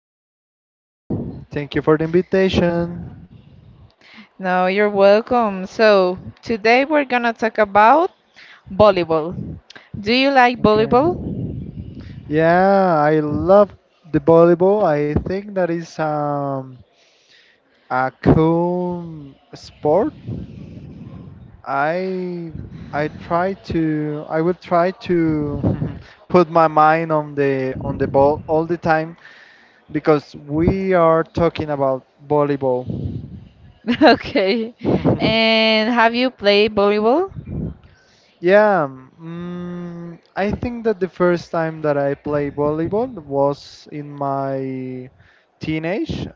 really fine. Thank you for the invitation. No, you're welcome. So, today we're gonna talk about volleyball. Do you like Okay. volleyball? Yeah, I love the volleyball. I think that is a cool sport. I I will try to put my mind on the ball all the time because we are talking about volleyball. Okay. And have you played volleyball? Yeah, I think that the first time that I played volleyball was in my teenage,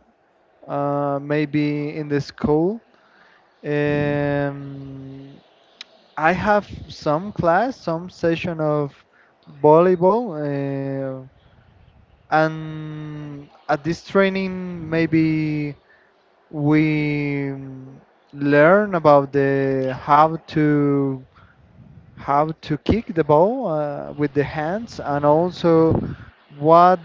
maybe in the school. Um, I have some class, some session of volleyball, and at this training, maybe we learn about the how to kick the ball with the hands, and also what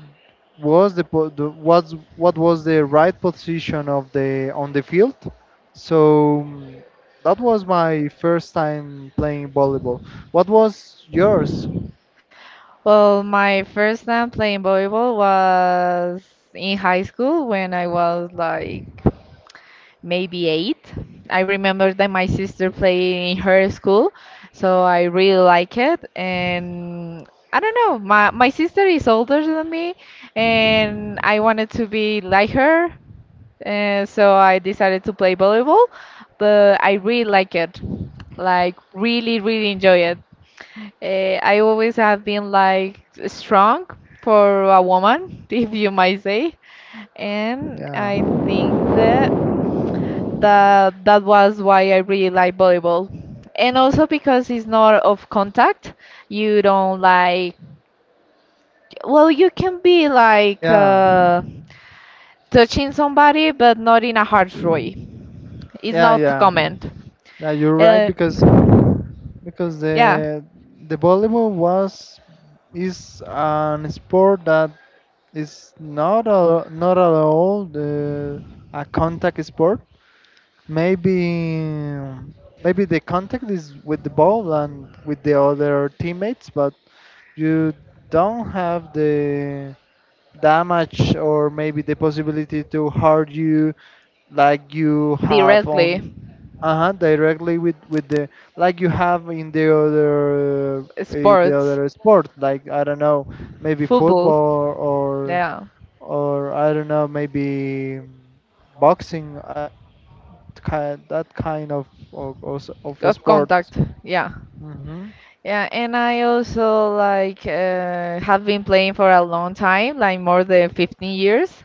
what was the right position of the on the field. So, that was my first time playing volleyball. What was yours? Well, my first time playing volleyball was in high school when I was like maybe eight. I remember that my sister played in her school, so I really like it. And I don't know, my sister is older than me, and I wanted to be like her, and so I decided to play volleyball. But I really like it, like really really enjoy it. I always have been like strong for a woman, if you might say. And Yeah, I think that that was why I really like volleyball. And also because it's not of contact, you don't like, well, you can be like yeah, touching somebody, but not in a harsh way. It's yeah, not yeah, common. yeah, you're right, Uh, because yeah, the volleyball was is an sport that, it's not at all the a contact sport. Maybe maybe the contact is with the ball and with the other teammates, but you don't have the damage or maybe the possibility to hurt you like you have directly. on. Uh-huh, directly with the, like you have in the other uh, the Sports, other sport, like, I don't know, maybe football, football or yeah, or I don't know, maybe boxing, ki that kind of, also of a of sport. contact, yeah. hmm Yeah, and I also like have been playing for a long time, like more than 15 years.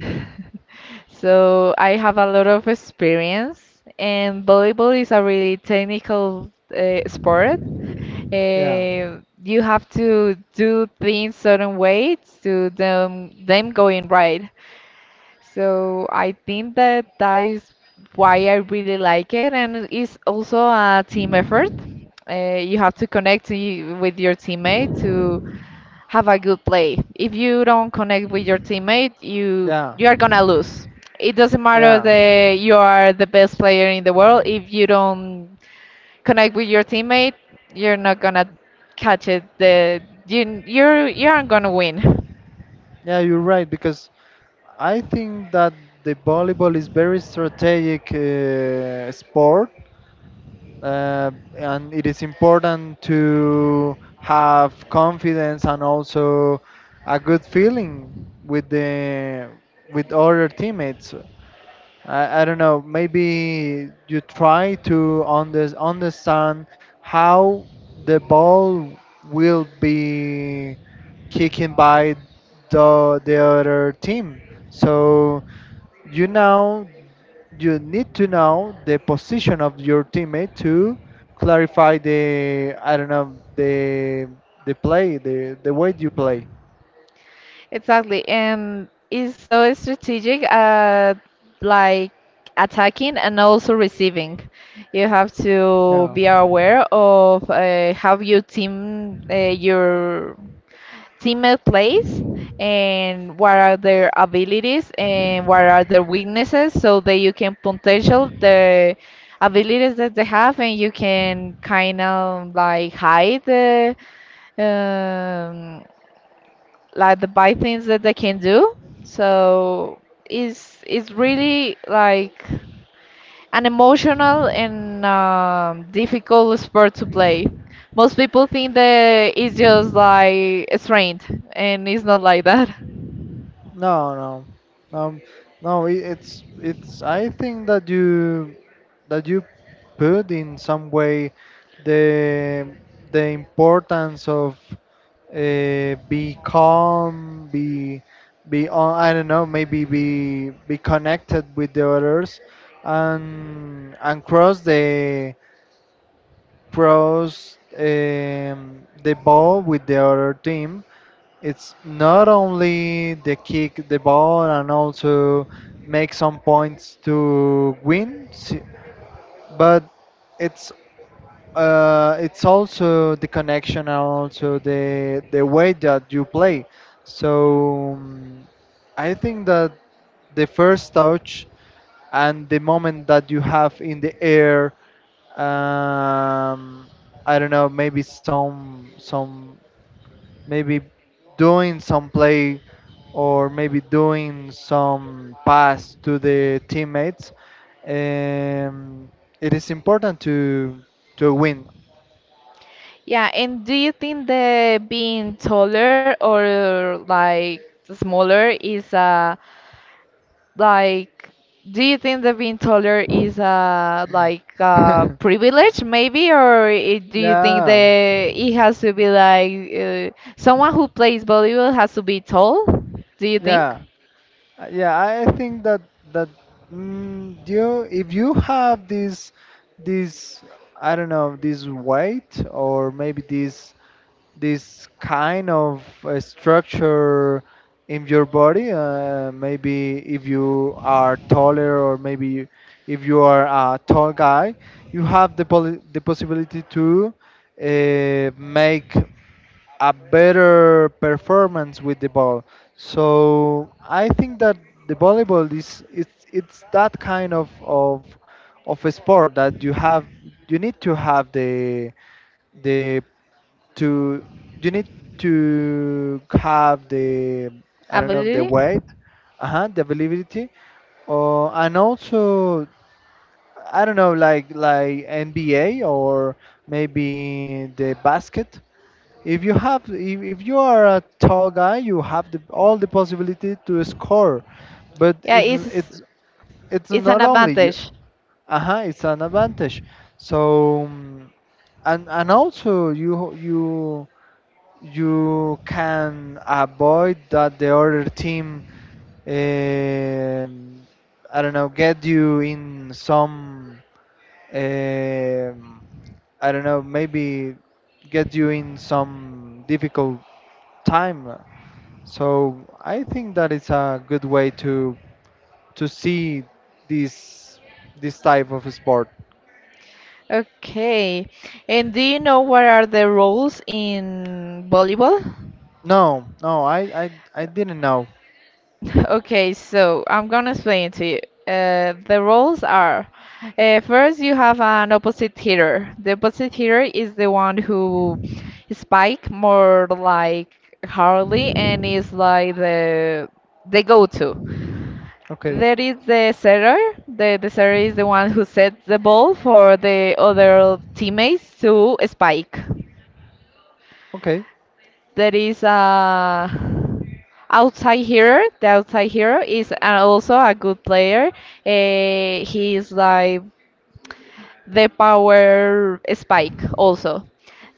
So I have a lot of experience, and volleyball is a really technical sport. Yeah, You have to do things certain way to them going right. So I think that that is why I really like it, and it's also a team effort. You have to connect to you, with your teammate to have a good play. If you don't connect with your teammate, you yeah, you are gonna lose. It doesn't matter yeah, that you are the best player in the world. If you don't connect with your teammate, you're not gonna catch it. The you you're you aren't gonna win. yeah. You're right, because I think that the volleyball is very strategic sport, uh, and it is important to have confidence and also a good feeling with the, with other teammates. I don't know. Maybe you try to understand how the ball will be kicking by the other team. So, you know you need to know the position of your teammate to clarify the, I don't know, the play, the way you play. Exactly, and it's so strategic. Like attacking and also receiving. You have Yeah. to be aware of how your team, your teammate plays and what are their abilities and what are their weaknesses so that you can potential the abilities that they have and you can kind of like hide the um, like the bad things that they can do so it's really like an emotional and difficult sport to play. Most people think that it's just like a strength and it's not like that. No, no, no, no. It's. I think that you put in some way the the importance of, be calm, be on. I don't know. Maybe be connected with the others, and cross the ball with the other team. It's not only they kick the ball and also make some points to win, but it's it's also the connection and also the way that you play. So, I think that the first touch and the moment that you have in the air, um, I don't know, maybe some, maybe doing some play or maybe doing some pass to the teammates. Um, it is important to win. Yeah, and do you think that being taller or like smaller is like do you think that being taller is like a privilege maybe, or it, do you think Yeah, that it has to be like someone who plays volleyball has to be tall? Do you think? yeah, yeah. I think that you, if you have this, I don't know, this weight or maybe this kind of structure in your body. Maybe if you are taller, or maybe if you are a tall guy, you have the possibility to, make a better performance with the ball. So I think that the volleyball is it's that kind of a sport that you need to have the the to you need to have the I don't know, the Absolutely. weight, uh-huh, the availability, or and also, I don't know, like NBA or maybe the basket. If you have, if you are a tall guy, you have all the possibility to score, but Yeah, it's it's it's it's an not only you. advantage. Uh-huh, it's an advantage. So, and also you can avoid that the other team, um, I don't know, get you in some, um, I don't know, maybe get you in some difficult time. So I think that it's a good way to see this this type of sport. Okay. And do you know what are the roles in volleyball? No, no, I didn't know. Okay, so I'm gonna explain to you. The roles are first, you have an opposite hitter. The opposite hitter is the one who spike more like hardly and is like the go-to. Okay, There is the setter. The setter is the one who sets the ball for the other teammates to spike. okay, There is a outside hero. The outside hero is a- also a good player. He is like the power spike also.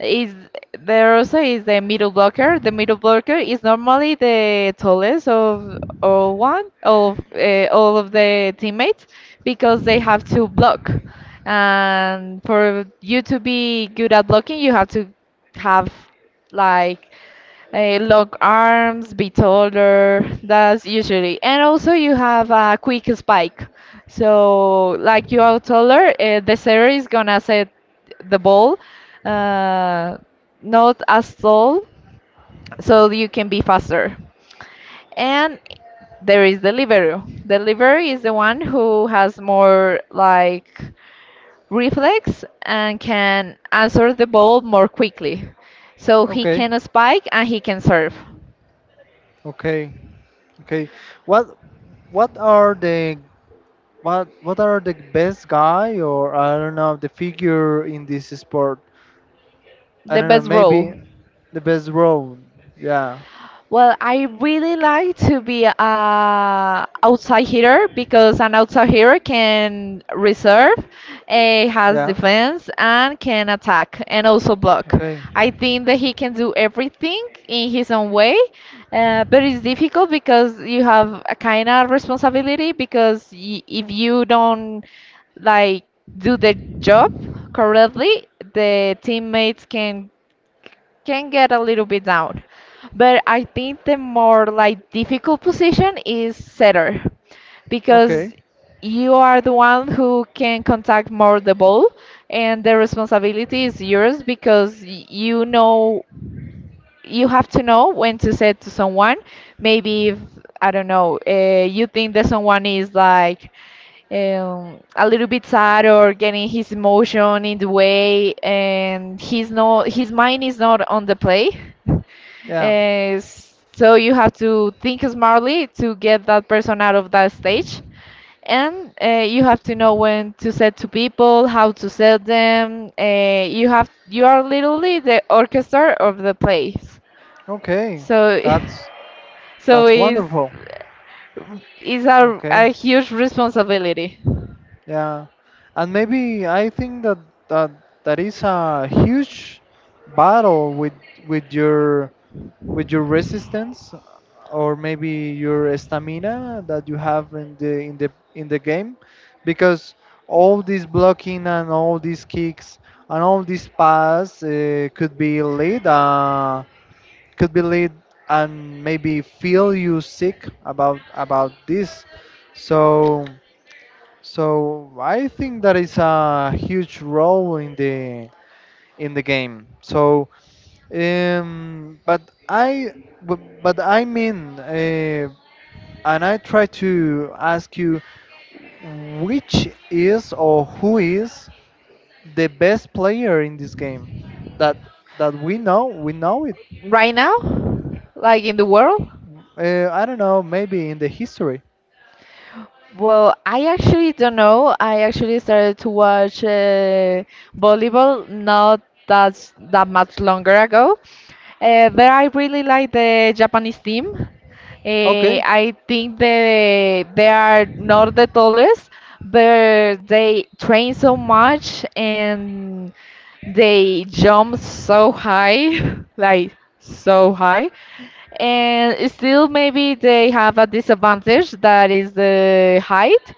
Is there also is the middle blocker. The middle blocker is normally the tallest of all one of all of the teammates because they have to block. And for you to be good at blocking, you have to have like long arms, be taller. That's usually. And also, you have a quick spike. So, like you are taller, the setter is gonna set the ball uh, not as tall, so you can be faster. And there is the libero. The libero is the one who has more like reflex and can answer the ball more quickly. So he okay, can spike and he can serve. okay, okay. What? What are the what are the best guy, or I don't know, the figure in this sport? I The don't know, best role. maybe the best role. Yeah. Well, I really like to be a outside hitter because an outside hitter can reserve, eh, has Yeah. defense, and can attack and also block. Okay. I think that he can do everything in his own way, but it's difficult because you have a kind of responsibility because y if you don't like do the job correctly, the teammates can get a little bit down. But I think the more like difficult position is setter Okay. because you are the one who can contact more the ball and the responsibility is yours because y- you know you have to know when to say to someone. Maybe if I don't know, you think that someone is like a little bit sad or getting his emotion in the way, and he's not, his mind is not on the play. Yeah. Uh, so you have to think smartly to get that person out of that stage. And you have to know when to set to people, how to set them. You have you are literally the orchestra of the place. Okay. So, That's so that's wonderful. it's Okay. a huge responsibility Yeah. And maybe I think that that is a huge battle with your with your resistance or maybe your stamina that you have in the in the game, because all this blocking and all these kicks and all these pass, could be lead and maybe feel you sick about this. So I think that is a huge role in the game. So, but I, but I mean, and I try to ask you, which is, or who is the best player in this game that that we know? We know it. right now, like in the world. I don't know. Maybe in the history. Well, I actually don't know. I actually started to watch volleyball not that's that much longer ago. But I really like the Japanese team. Okay. I think they are not the tallest, but they train so much and they jump so high, like so high. And still, maybe they have a disadvantage that is the height,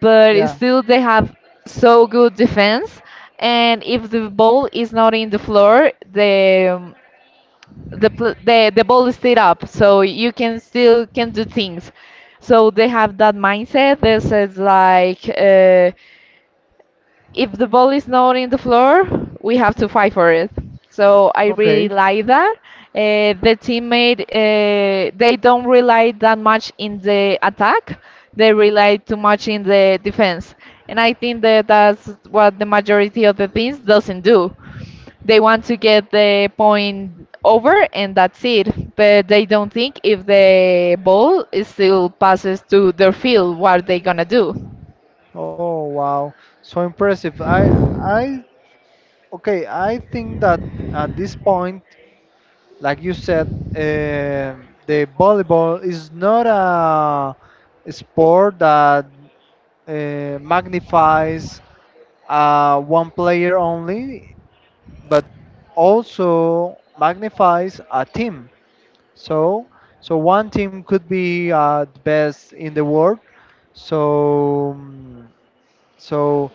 but Yeah. still, they have so good defense. And if the ball is not in the floor, the pl- the ball is still up, so you can still can do things. So they have that mindset that says like, if the ball is not in the floor, we have to fight for it. So I really Okay. like that. The teammate they don't rely that much in the attack; they rely too much in the defense. And I think that that's what the majority of the teams doesn't do. They want to get the point over and that's it. But they don't think if the ball is still passes to their field, what are they gonna do. Oh, wow. So impressive. I okay. I think that at this point, like you said, the volleyball is not a sport that, magnifies, one player only, but also magnifies a team. So, one team could be, the best in the world. So, so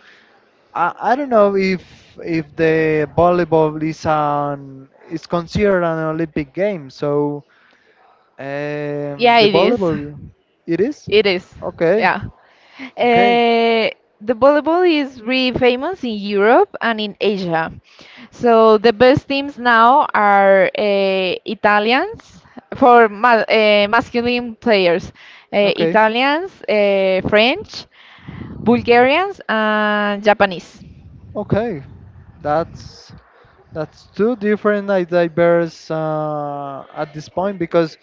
I don't know if the volleyball is considered an Olympic game. So, Yeah, the it is. volleyball, it is? It is, Okay, yeah. okay, Uh, the volleyball is really famous in Europe and in Asia. So the best teams now are Italians for ma masculine players, okay, Italians, French, Bulgarians, and Japanese. okay. That's that's two different and diverse, at this point, because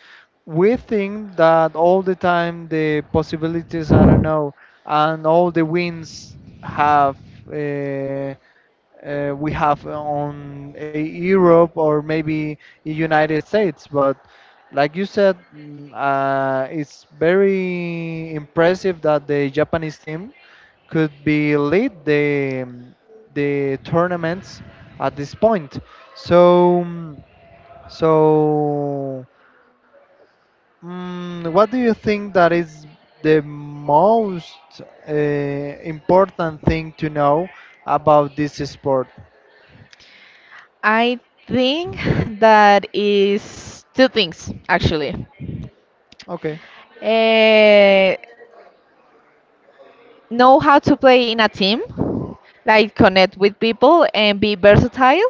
we think that all the time the possibilities, I don't know, and all the wins have, uh, we have on, Europe or maybe in United States. But like you said, it's very impressive that the Japanese team could be lead the tournaments at this point. So, so what do you think that is the most, important thing to know about this sport? I think that is two things actually. Okay. Uh, know how to play in a team, like connect with people and be versatile,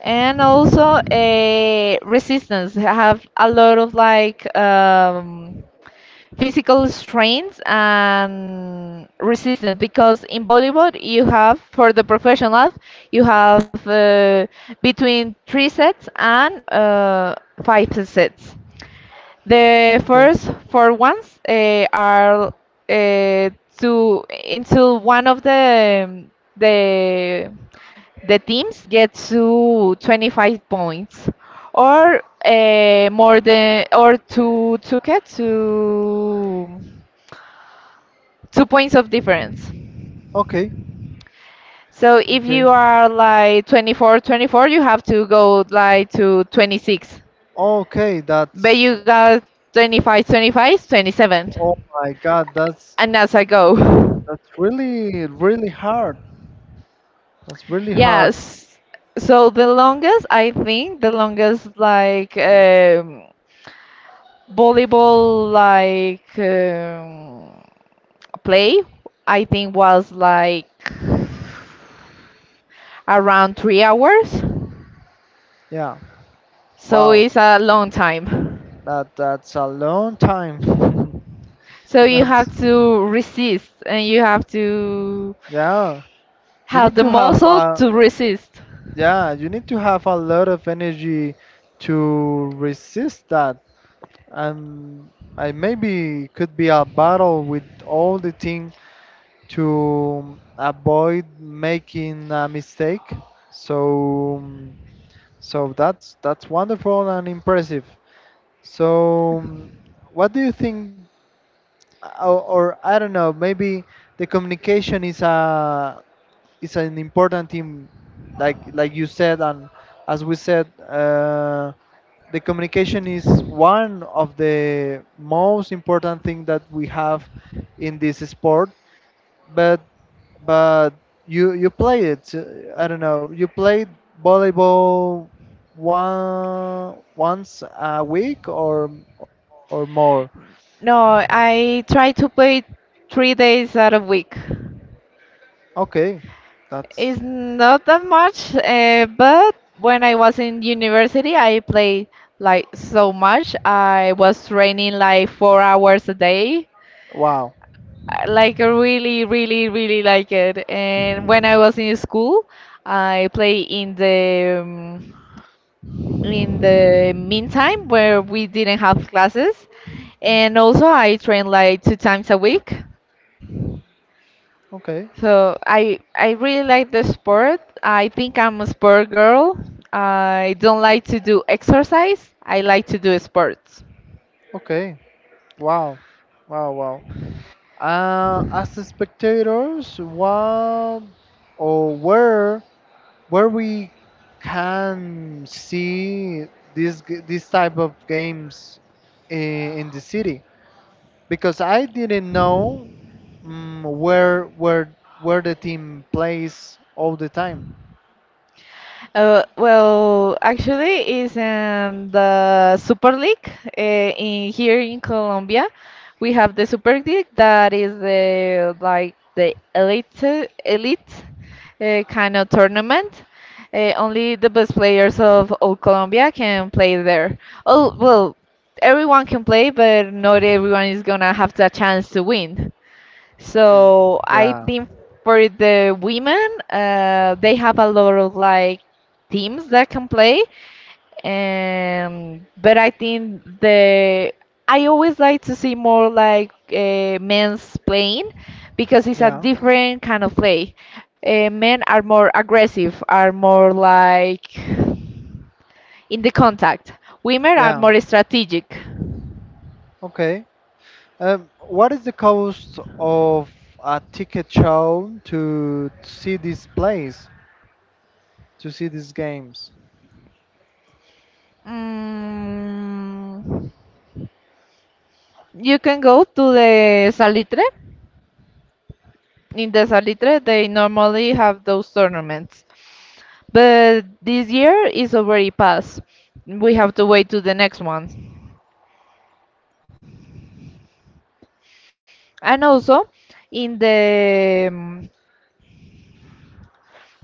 and also a resistance. Have a lot of like physical strength and resistance because in volleyball you have for the professionals you have between three sets and five sets. The Okay. first four ones eh, are eh, to until one of the the the teams get to 25 points or eh, more than or to get to 2 points of difference. Okay. So if Okay. you are like 24, 24, you have to go like to 26. Okay. But That's. you got 25, 25, twenty Oh seven, my God. That's. and that's a go. That's really, really hard. That's really hard. Yes. So the longest, I think, the longest like volleyball like play, I think was like around 3 hours. Yeah. So Wow. it's a long time. That. That's a long time. So you have That's. to resist and you have to Yeah. You have need the to have. muscle A. to resist. Yeah. You need to have a lot of energy to resist that. And I, maybe could be a battle with all the thing, to avoid making a mistake. So, that's wonderful and impressive. So, what do you think, or I don't know, maybe the communication is a is an important thing, like you said, and as we said, the communication is one of the most important thing that we have in this sport, but but you played it. I don't know. You played volleyball one once a week, or more. No, I try to play 3 days out of week. Okay, that's, It's not that much, but when I was in university, I played like so much. I was training like 4 hours a day. wow. I, like really, really, really like it. And when I was in school, I play in the meantime where we didn't have classes, and also I train like two times a week. Okay, So I really like the sport. I think I'm a sport girl. I don't like to do exercise. I like to do sports. okay, wow, wow, wow. As the spectators, what or where we can see this this type of games in, the city? Because I didn't know, mm where where where the team plays all the time. Well, actually, it's the Super League uh, in here in Colombia. We have the Super League that is the like the elite elite kind of tournament. Only the best players of all Colombia can play there. Oh, well, everyone can play, but not everyone is gonna have the chance to win. Um, So I Yeah, think for the women, they have a lot of like teams that can play. But I think the I always like to see more like men's playing because it's a yeah, different kind of play. Men are more aggressive, are more like in the contact. Women are yeah. more strategic. Okay. What is the cost of a ticket show to see these plays, to see these games? Mm, you can go to the Salitre. In the Salitre, they normally have those tournaments. But this year is already past. We have to wait to the next one. And also, in the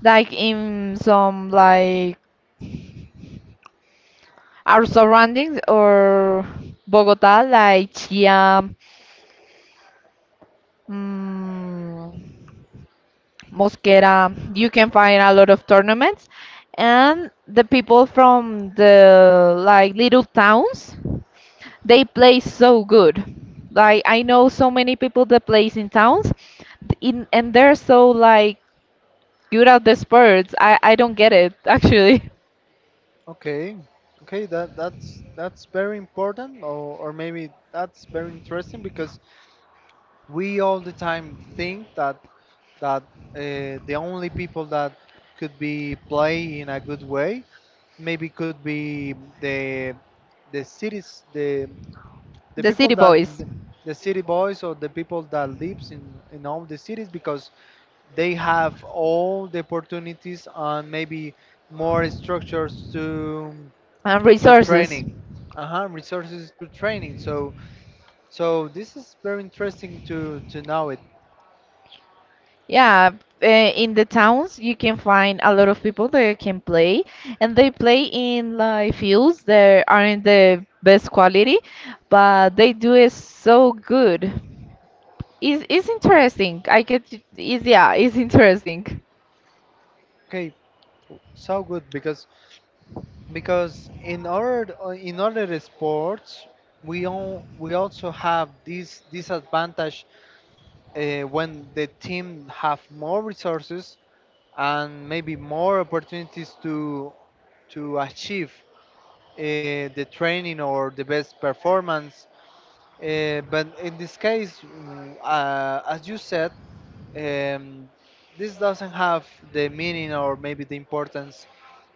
like in some like our surroundings or Bogota, like Chia, mm, Mosquera, you can find a lot of tournaments, and the people from the like little towns they play so good. Like I know so many people that plays in towns, in, and they're so like good at the sports. I don't get it actually. Okay, okay. That's very important, or maybe that's very interesting, because we all the time think that, that the only people that could be play in a good way maybe could be the, cities, the, The people city boys the city boys, or the people that lives in all the cities, because they have all the opportunities and maybe more structures to and to resources. training, uh-huh, resources to training. So, this is very interesting to know it. Yeah, in the towns you can find a lot of people that can play, and they play in like fields that aren't the best quality, but they do it so good. It's interesting. I get it. It's, yeah, it's interesting. Okay, so good, because because in our in other sports we also have this disadvantage, when the team have more resources and maybe more opportunities to achieve, the training or the best performance, but in this case, as you said, um, this doesn't have the meaning or maybe the importance,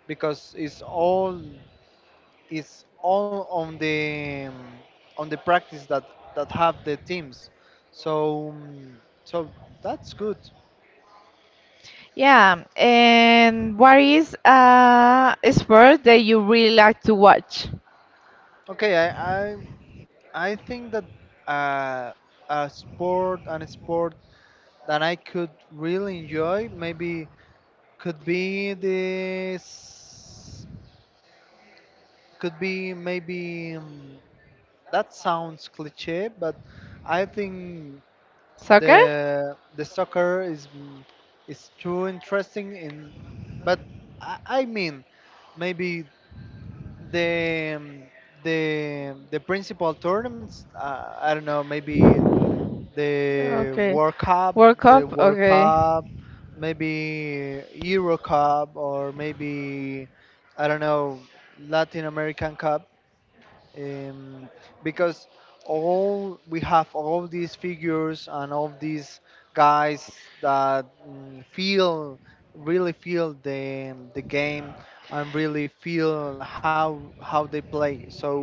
because it's all is all on the practice that have the teams. So, so that's good. Yeah, and what is a sport that you really like to watch? Okay, I think that, uh, a sport, that I could really enjoy, maybe could be this, could be maybe, that sounds cliche, but I think Soccer? the soccer is too interesting in, but I mean, maybe the um, the principal tournaments, I don't know, maybe the Okay. World Cup, World Cup? the World Okay. Cup, maybe Euro Cup, or maybe I don't know, Latin American Cup, um, because all we have all these figures and all these guys that, feel really feel the game and really feel how they play. So,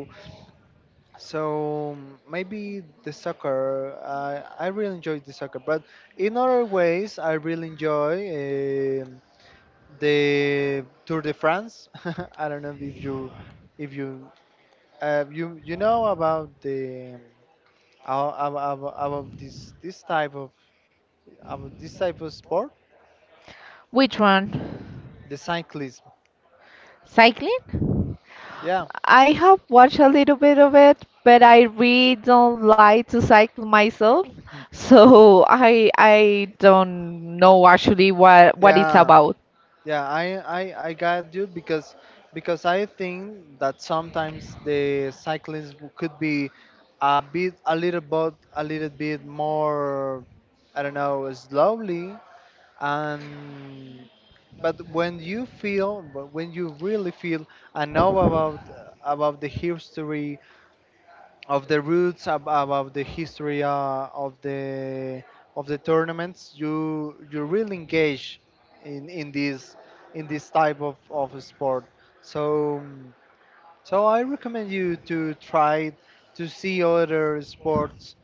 so maybe the soccer, I really enjoy the soccer, but in other ways I really enjoy, um the Tour de France. I don't know if you, know about the, um, ab- ab- about this this type of about this type of sport, Which one? the cyclism. Cycling? Yeah, I have watched a little bit of it, but I really don't like to cycle myself, so I don't know actually what it's yeah, about. yeah. I got you because I think that sometimes the cyclism could be a bit a little bit a little bit more, I don't know, slowly. And But when you really feel and know about the history of the roots, about the history of the tournaments, you really engage in in this in this type of sport. So I recommend you to try to see other sports.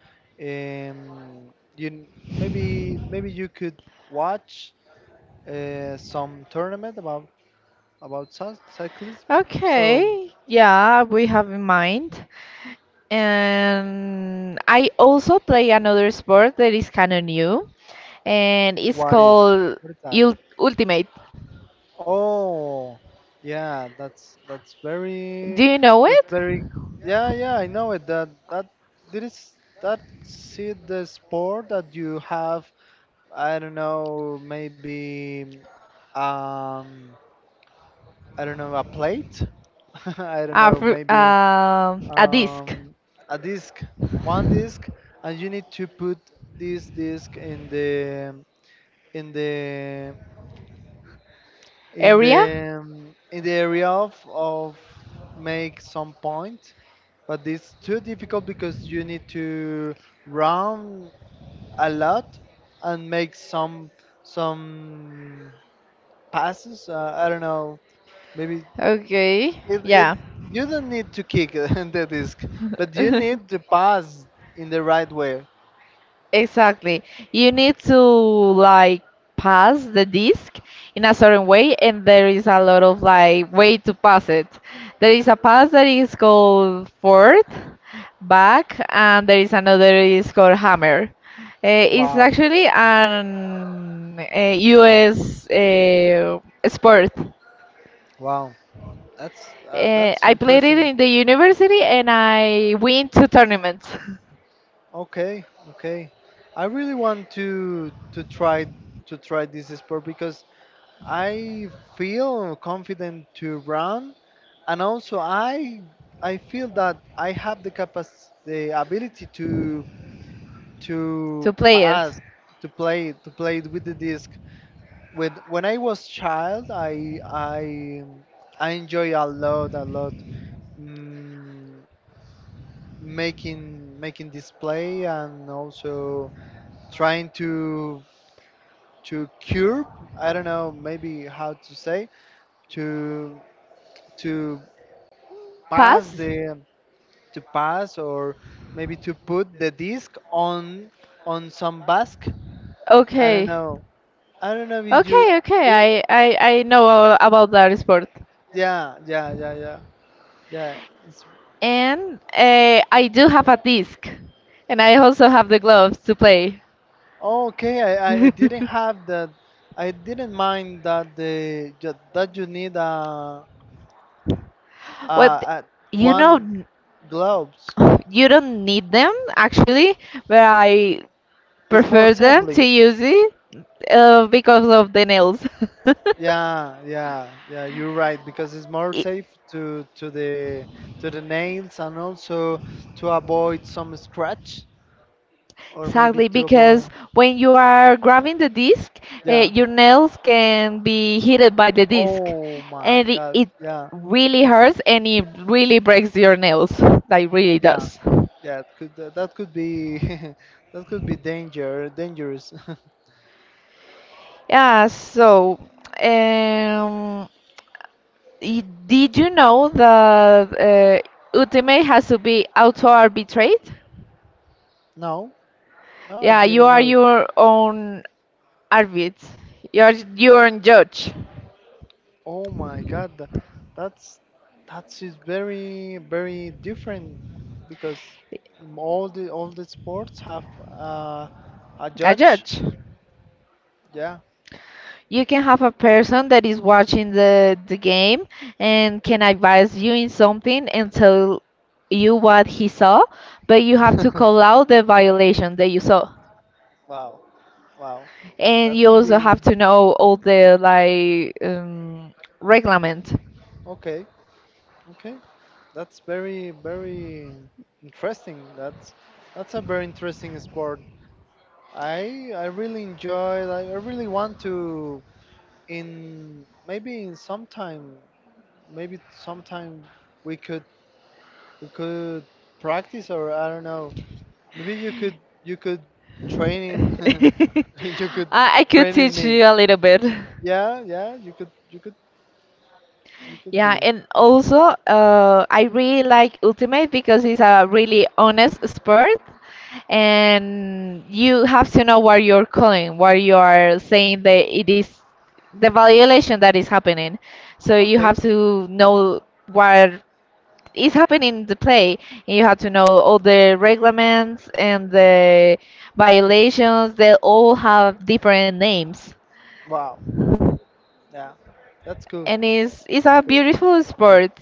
um you Maybe you could watch some tournament about cyclism. So Okay. Yeah, we have in mind. And I also play another sport that is kind of new, and it's what is called what is that? Ul Ultimate. Oh, yeah, Do you know that's it? very yeah, yeah, I know it. That is that, see, the sport that you have, I don't know, maybe, um I don't know, a plate, I don't A, know, maybe, a disc um, a disc, one disc, and you need to put this disc in the in the in area? the, in the area of, make some point. But it's too difficult because you need to round a lot and make some some passes. I don't know. Maybe Okay, it, it yeah. you don't need to kick the disc, but you need to pass in the right way. Exactly. You need to like pass the disc in a certain way, and there is a lot of like way to pass it. There is a pass that is called forward, back, and there is another is called hammer. It's Wow, actually an U.S. Sport. wow, that's I played it interesting. in the university, and I win two tournaments. Okay, okay. I really want to try to try this sport because I feel confident to run, and also I feel that I have the capacity, the ability to To play it. pass, to play it with the disc. When I was child, I enjoy a lot, a lot. Mm, making display, and also trying to cure, I don't know, maybe how to say, to to pass Pass. the, to pass, or maybe to put the disc on some basque. I don't Okay. know, if you, Okay, okay, if, I know all about that sport. yeah, yeah, yeah, yeah, yeah, it's, And I do have a disc, and I also have the gloves to play. oh, okay, I, I didn't have that. I didn't mind that that you need What a you know, one n- gloves. you don't need them actually, but I It's more prefer them to safely. use it because of the nails. Yeah, yeah, yeah, you're right, because it's more I- safe to the nails, and also to avoid some scratch, or maybe Exactly, to because avoid, when you are grabbing the disc, yeah, your nails can be hit by the disc, oh my and it, God, it yeah, really hurts and it really breaks your nails. That really yeah, does. yeah, it could, that could be that could be dangerous. Yeah. So, um, did you know that ultimate has to be auto arbitrate? No, no, I Yeah, you didn't are know. your own arbit. You're your own judge. Oh my God, that's that's is very very different, because all the sports have, uh, a A judge. judge. Yeah. You can have a person that is watching the game and can advise you in something and tell you what he saw, but you have to call out the violation that you saw. Wow. Wow. And That you could also be have to know all the like reglement. okay. Okay. That's very, very interesting. That's a very interesting sport. I really enjoy. Like, I really want to, in maybe in sometime, maybe sometime, we could, you could, practice or I don't know. Maybe you could train in, you could I could train in teach you me. a little bit. Yeah, yeah, you could you could Yeah, be. and also I really like Ultimate because it's a really honest sport, and you have to know what you're calling, what you are saying that it is the violation that is happening. So you Okay. have to know what is happening in the play, and you have to know all the regulations and the violations. They all have different names. Wow. Yeah. That's cool. And it's That's a cool. beautiful sport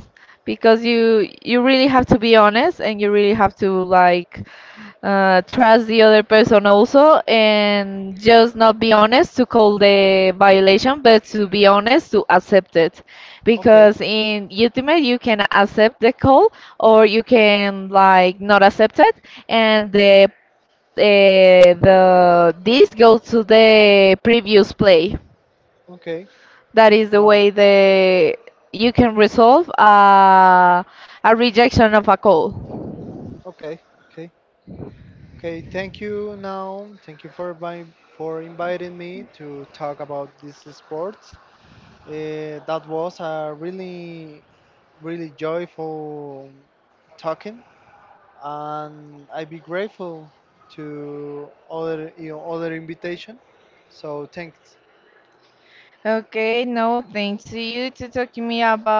because you really have to be honest and you really have to like trust the other person also and just not be honest to call the violation but to be honest to accept it, Okay. because in ultimate you can accept the call or you can like not accept it, and the this goes to the previous play. Okay. That is the Wow. way the you can resolve a rejection of a call. Okay. Okay. Okay. Thank you now. Thank you for by, for inviting me to talk about this sports. That was a really really joyful talking, and I'd be grateful to other your other invitation. So thanks. Okay, no, thanks to you to talking me about.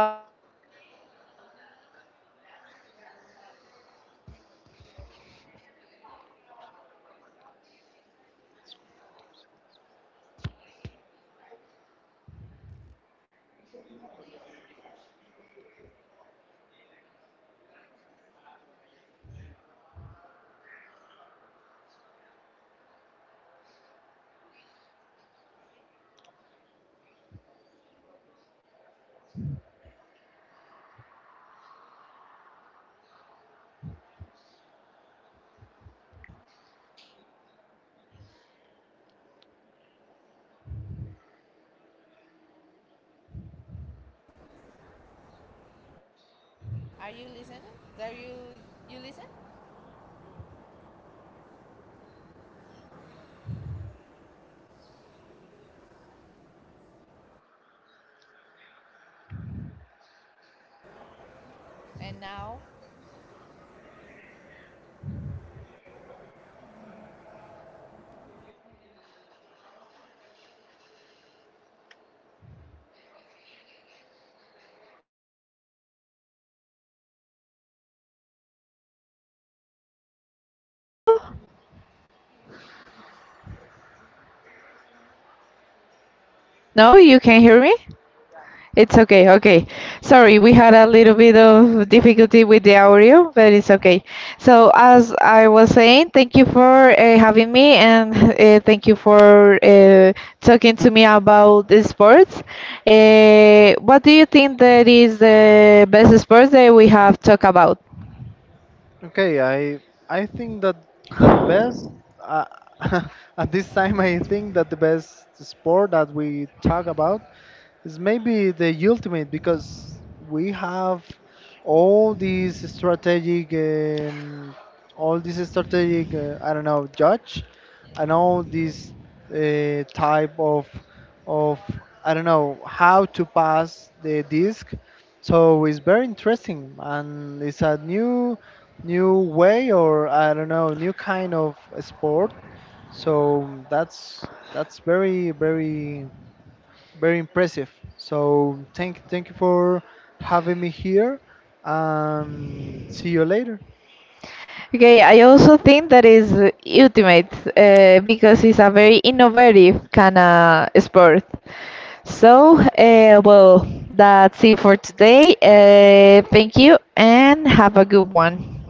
Are you listening? Are you listen? And now, can you hear me now? No, you can hear me? It's okay, okay. Sorry, we had a little bit of difficulty with the audio, but it's okay. So, as I was saying, thank you for having me and thank you for talking to me about the sports. What do you think that is the best sports that we have talked about? Okay, I think that the best, uh, at this time I think that the best sport that we talk about, it's maybe the ultimate, because we have all these strategic, um, all these strategic, I don't know, judge, and all these type of, I don't know how to pass the disc. So it's very interesting, and it's a new, new way, or I don't know, new kind of sport. So that's very very very impressive. So thank you for having me here. See you later. Okay, I also think that is ultimate because it's a very innovative kind of sport. So, well, that's it for today. Thank you and have a good one.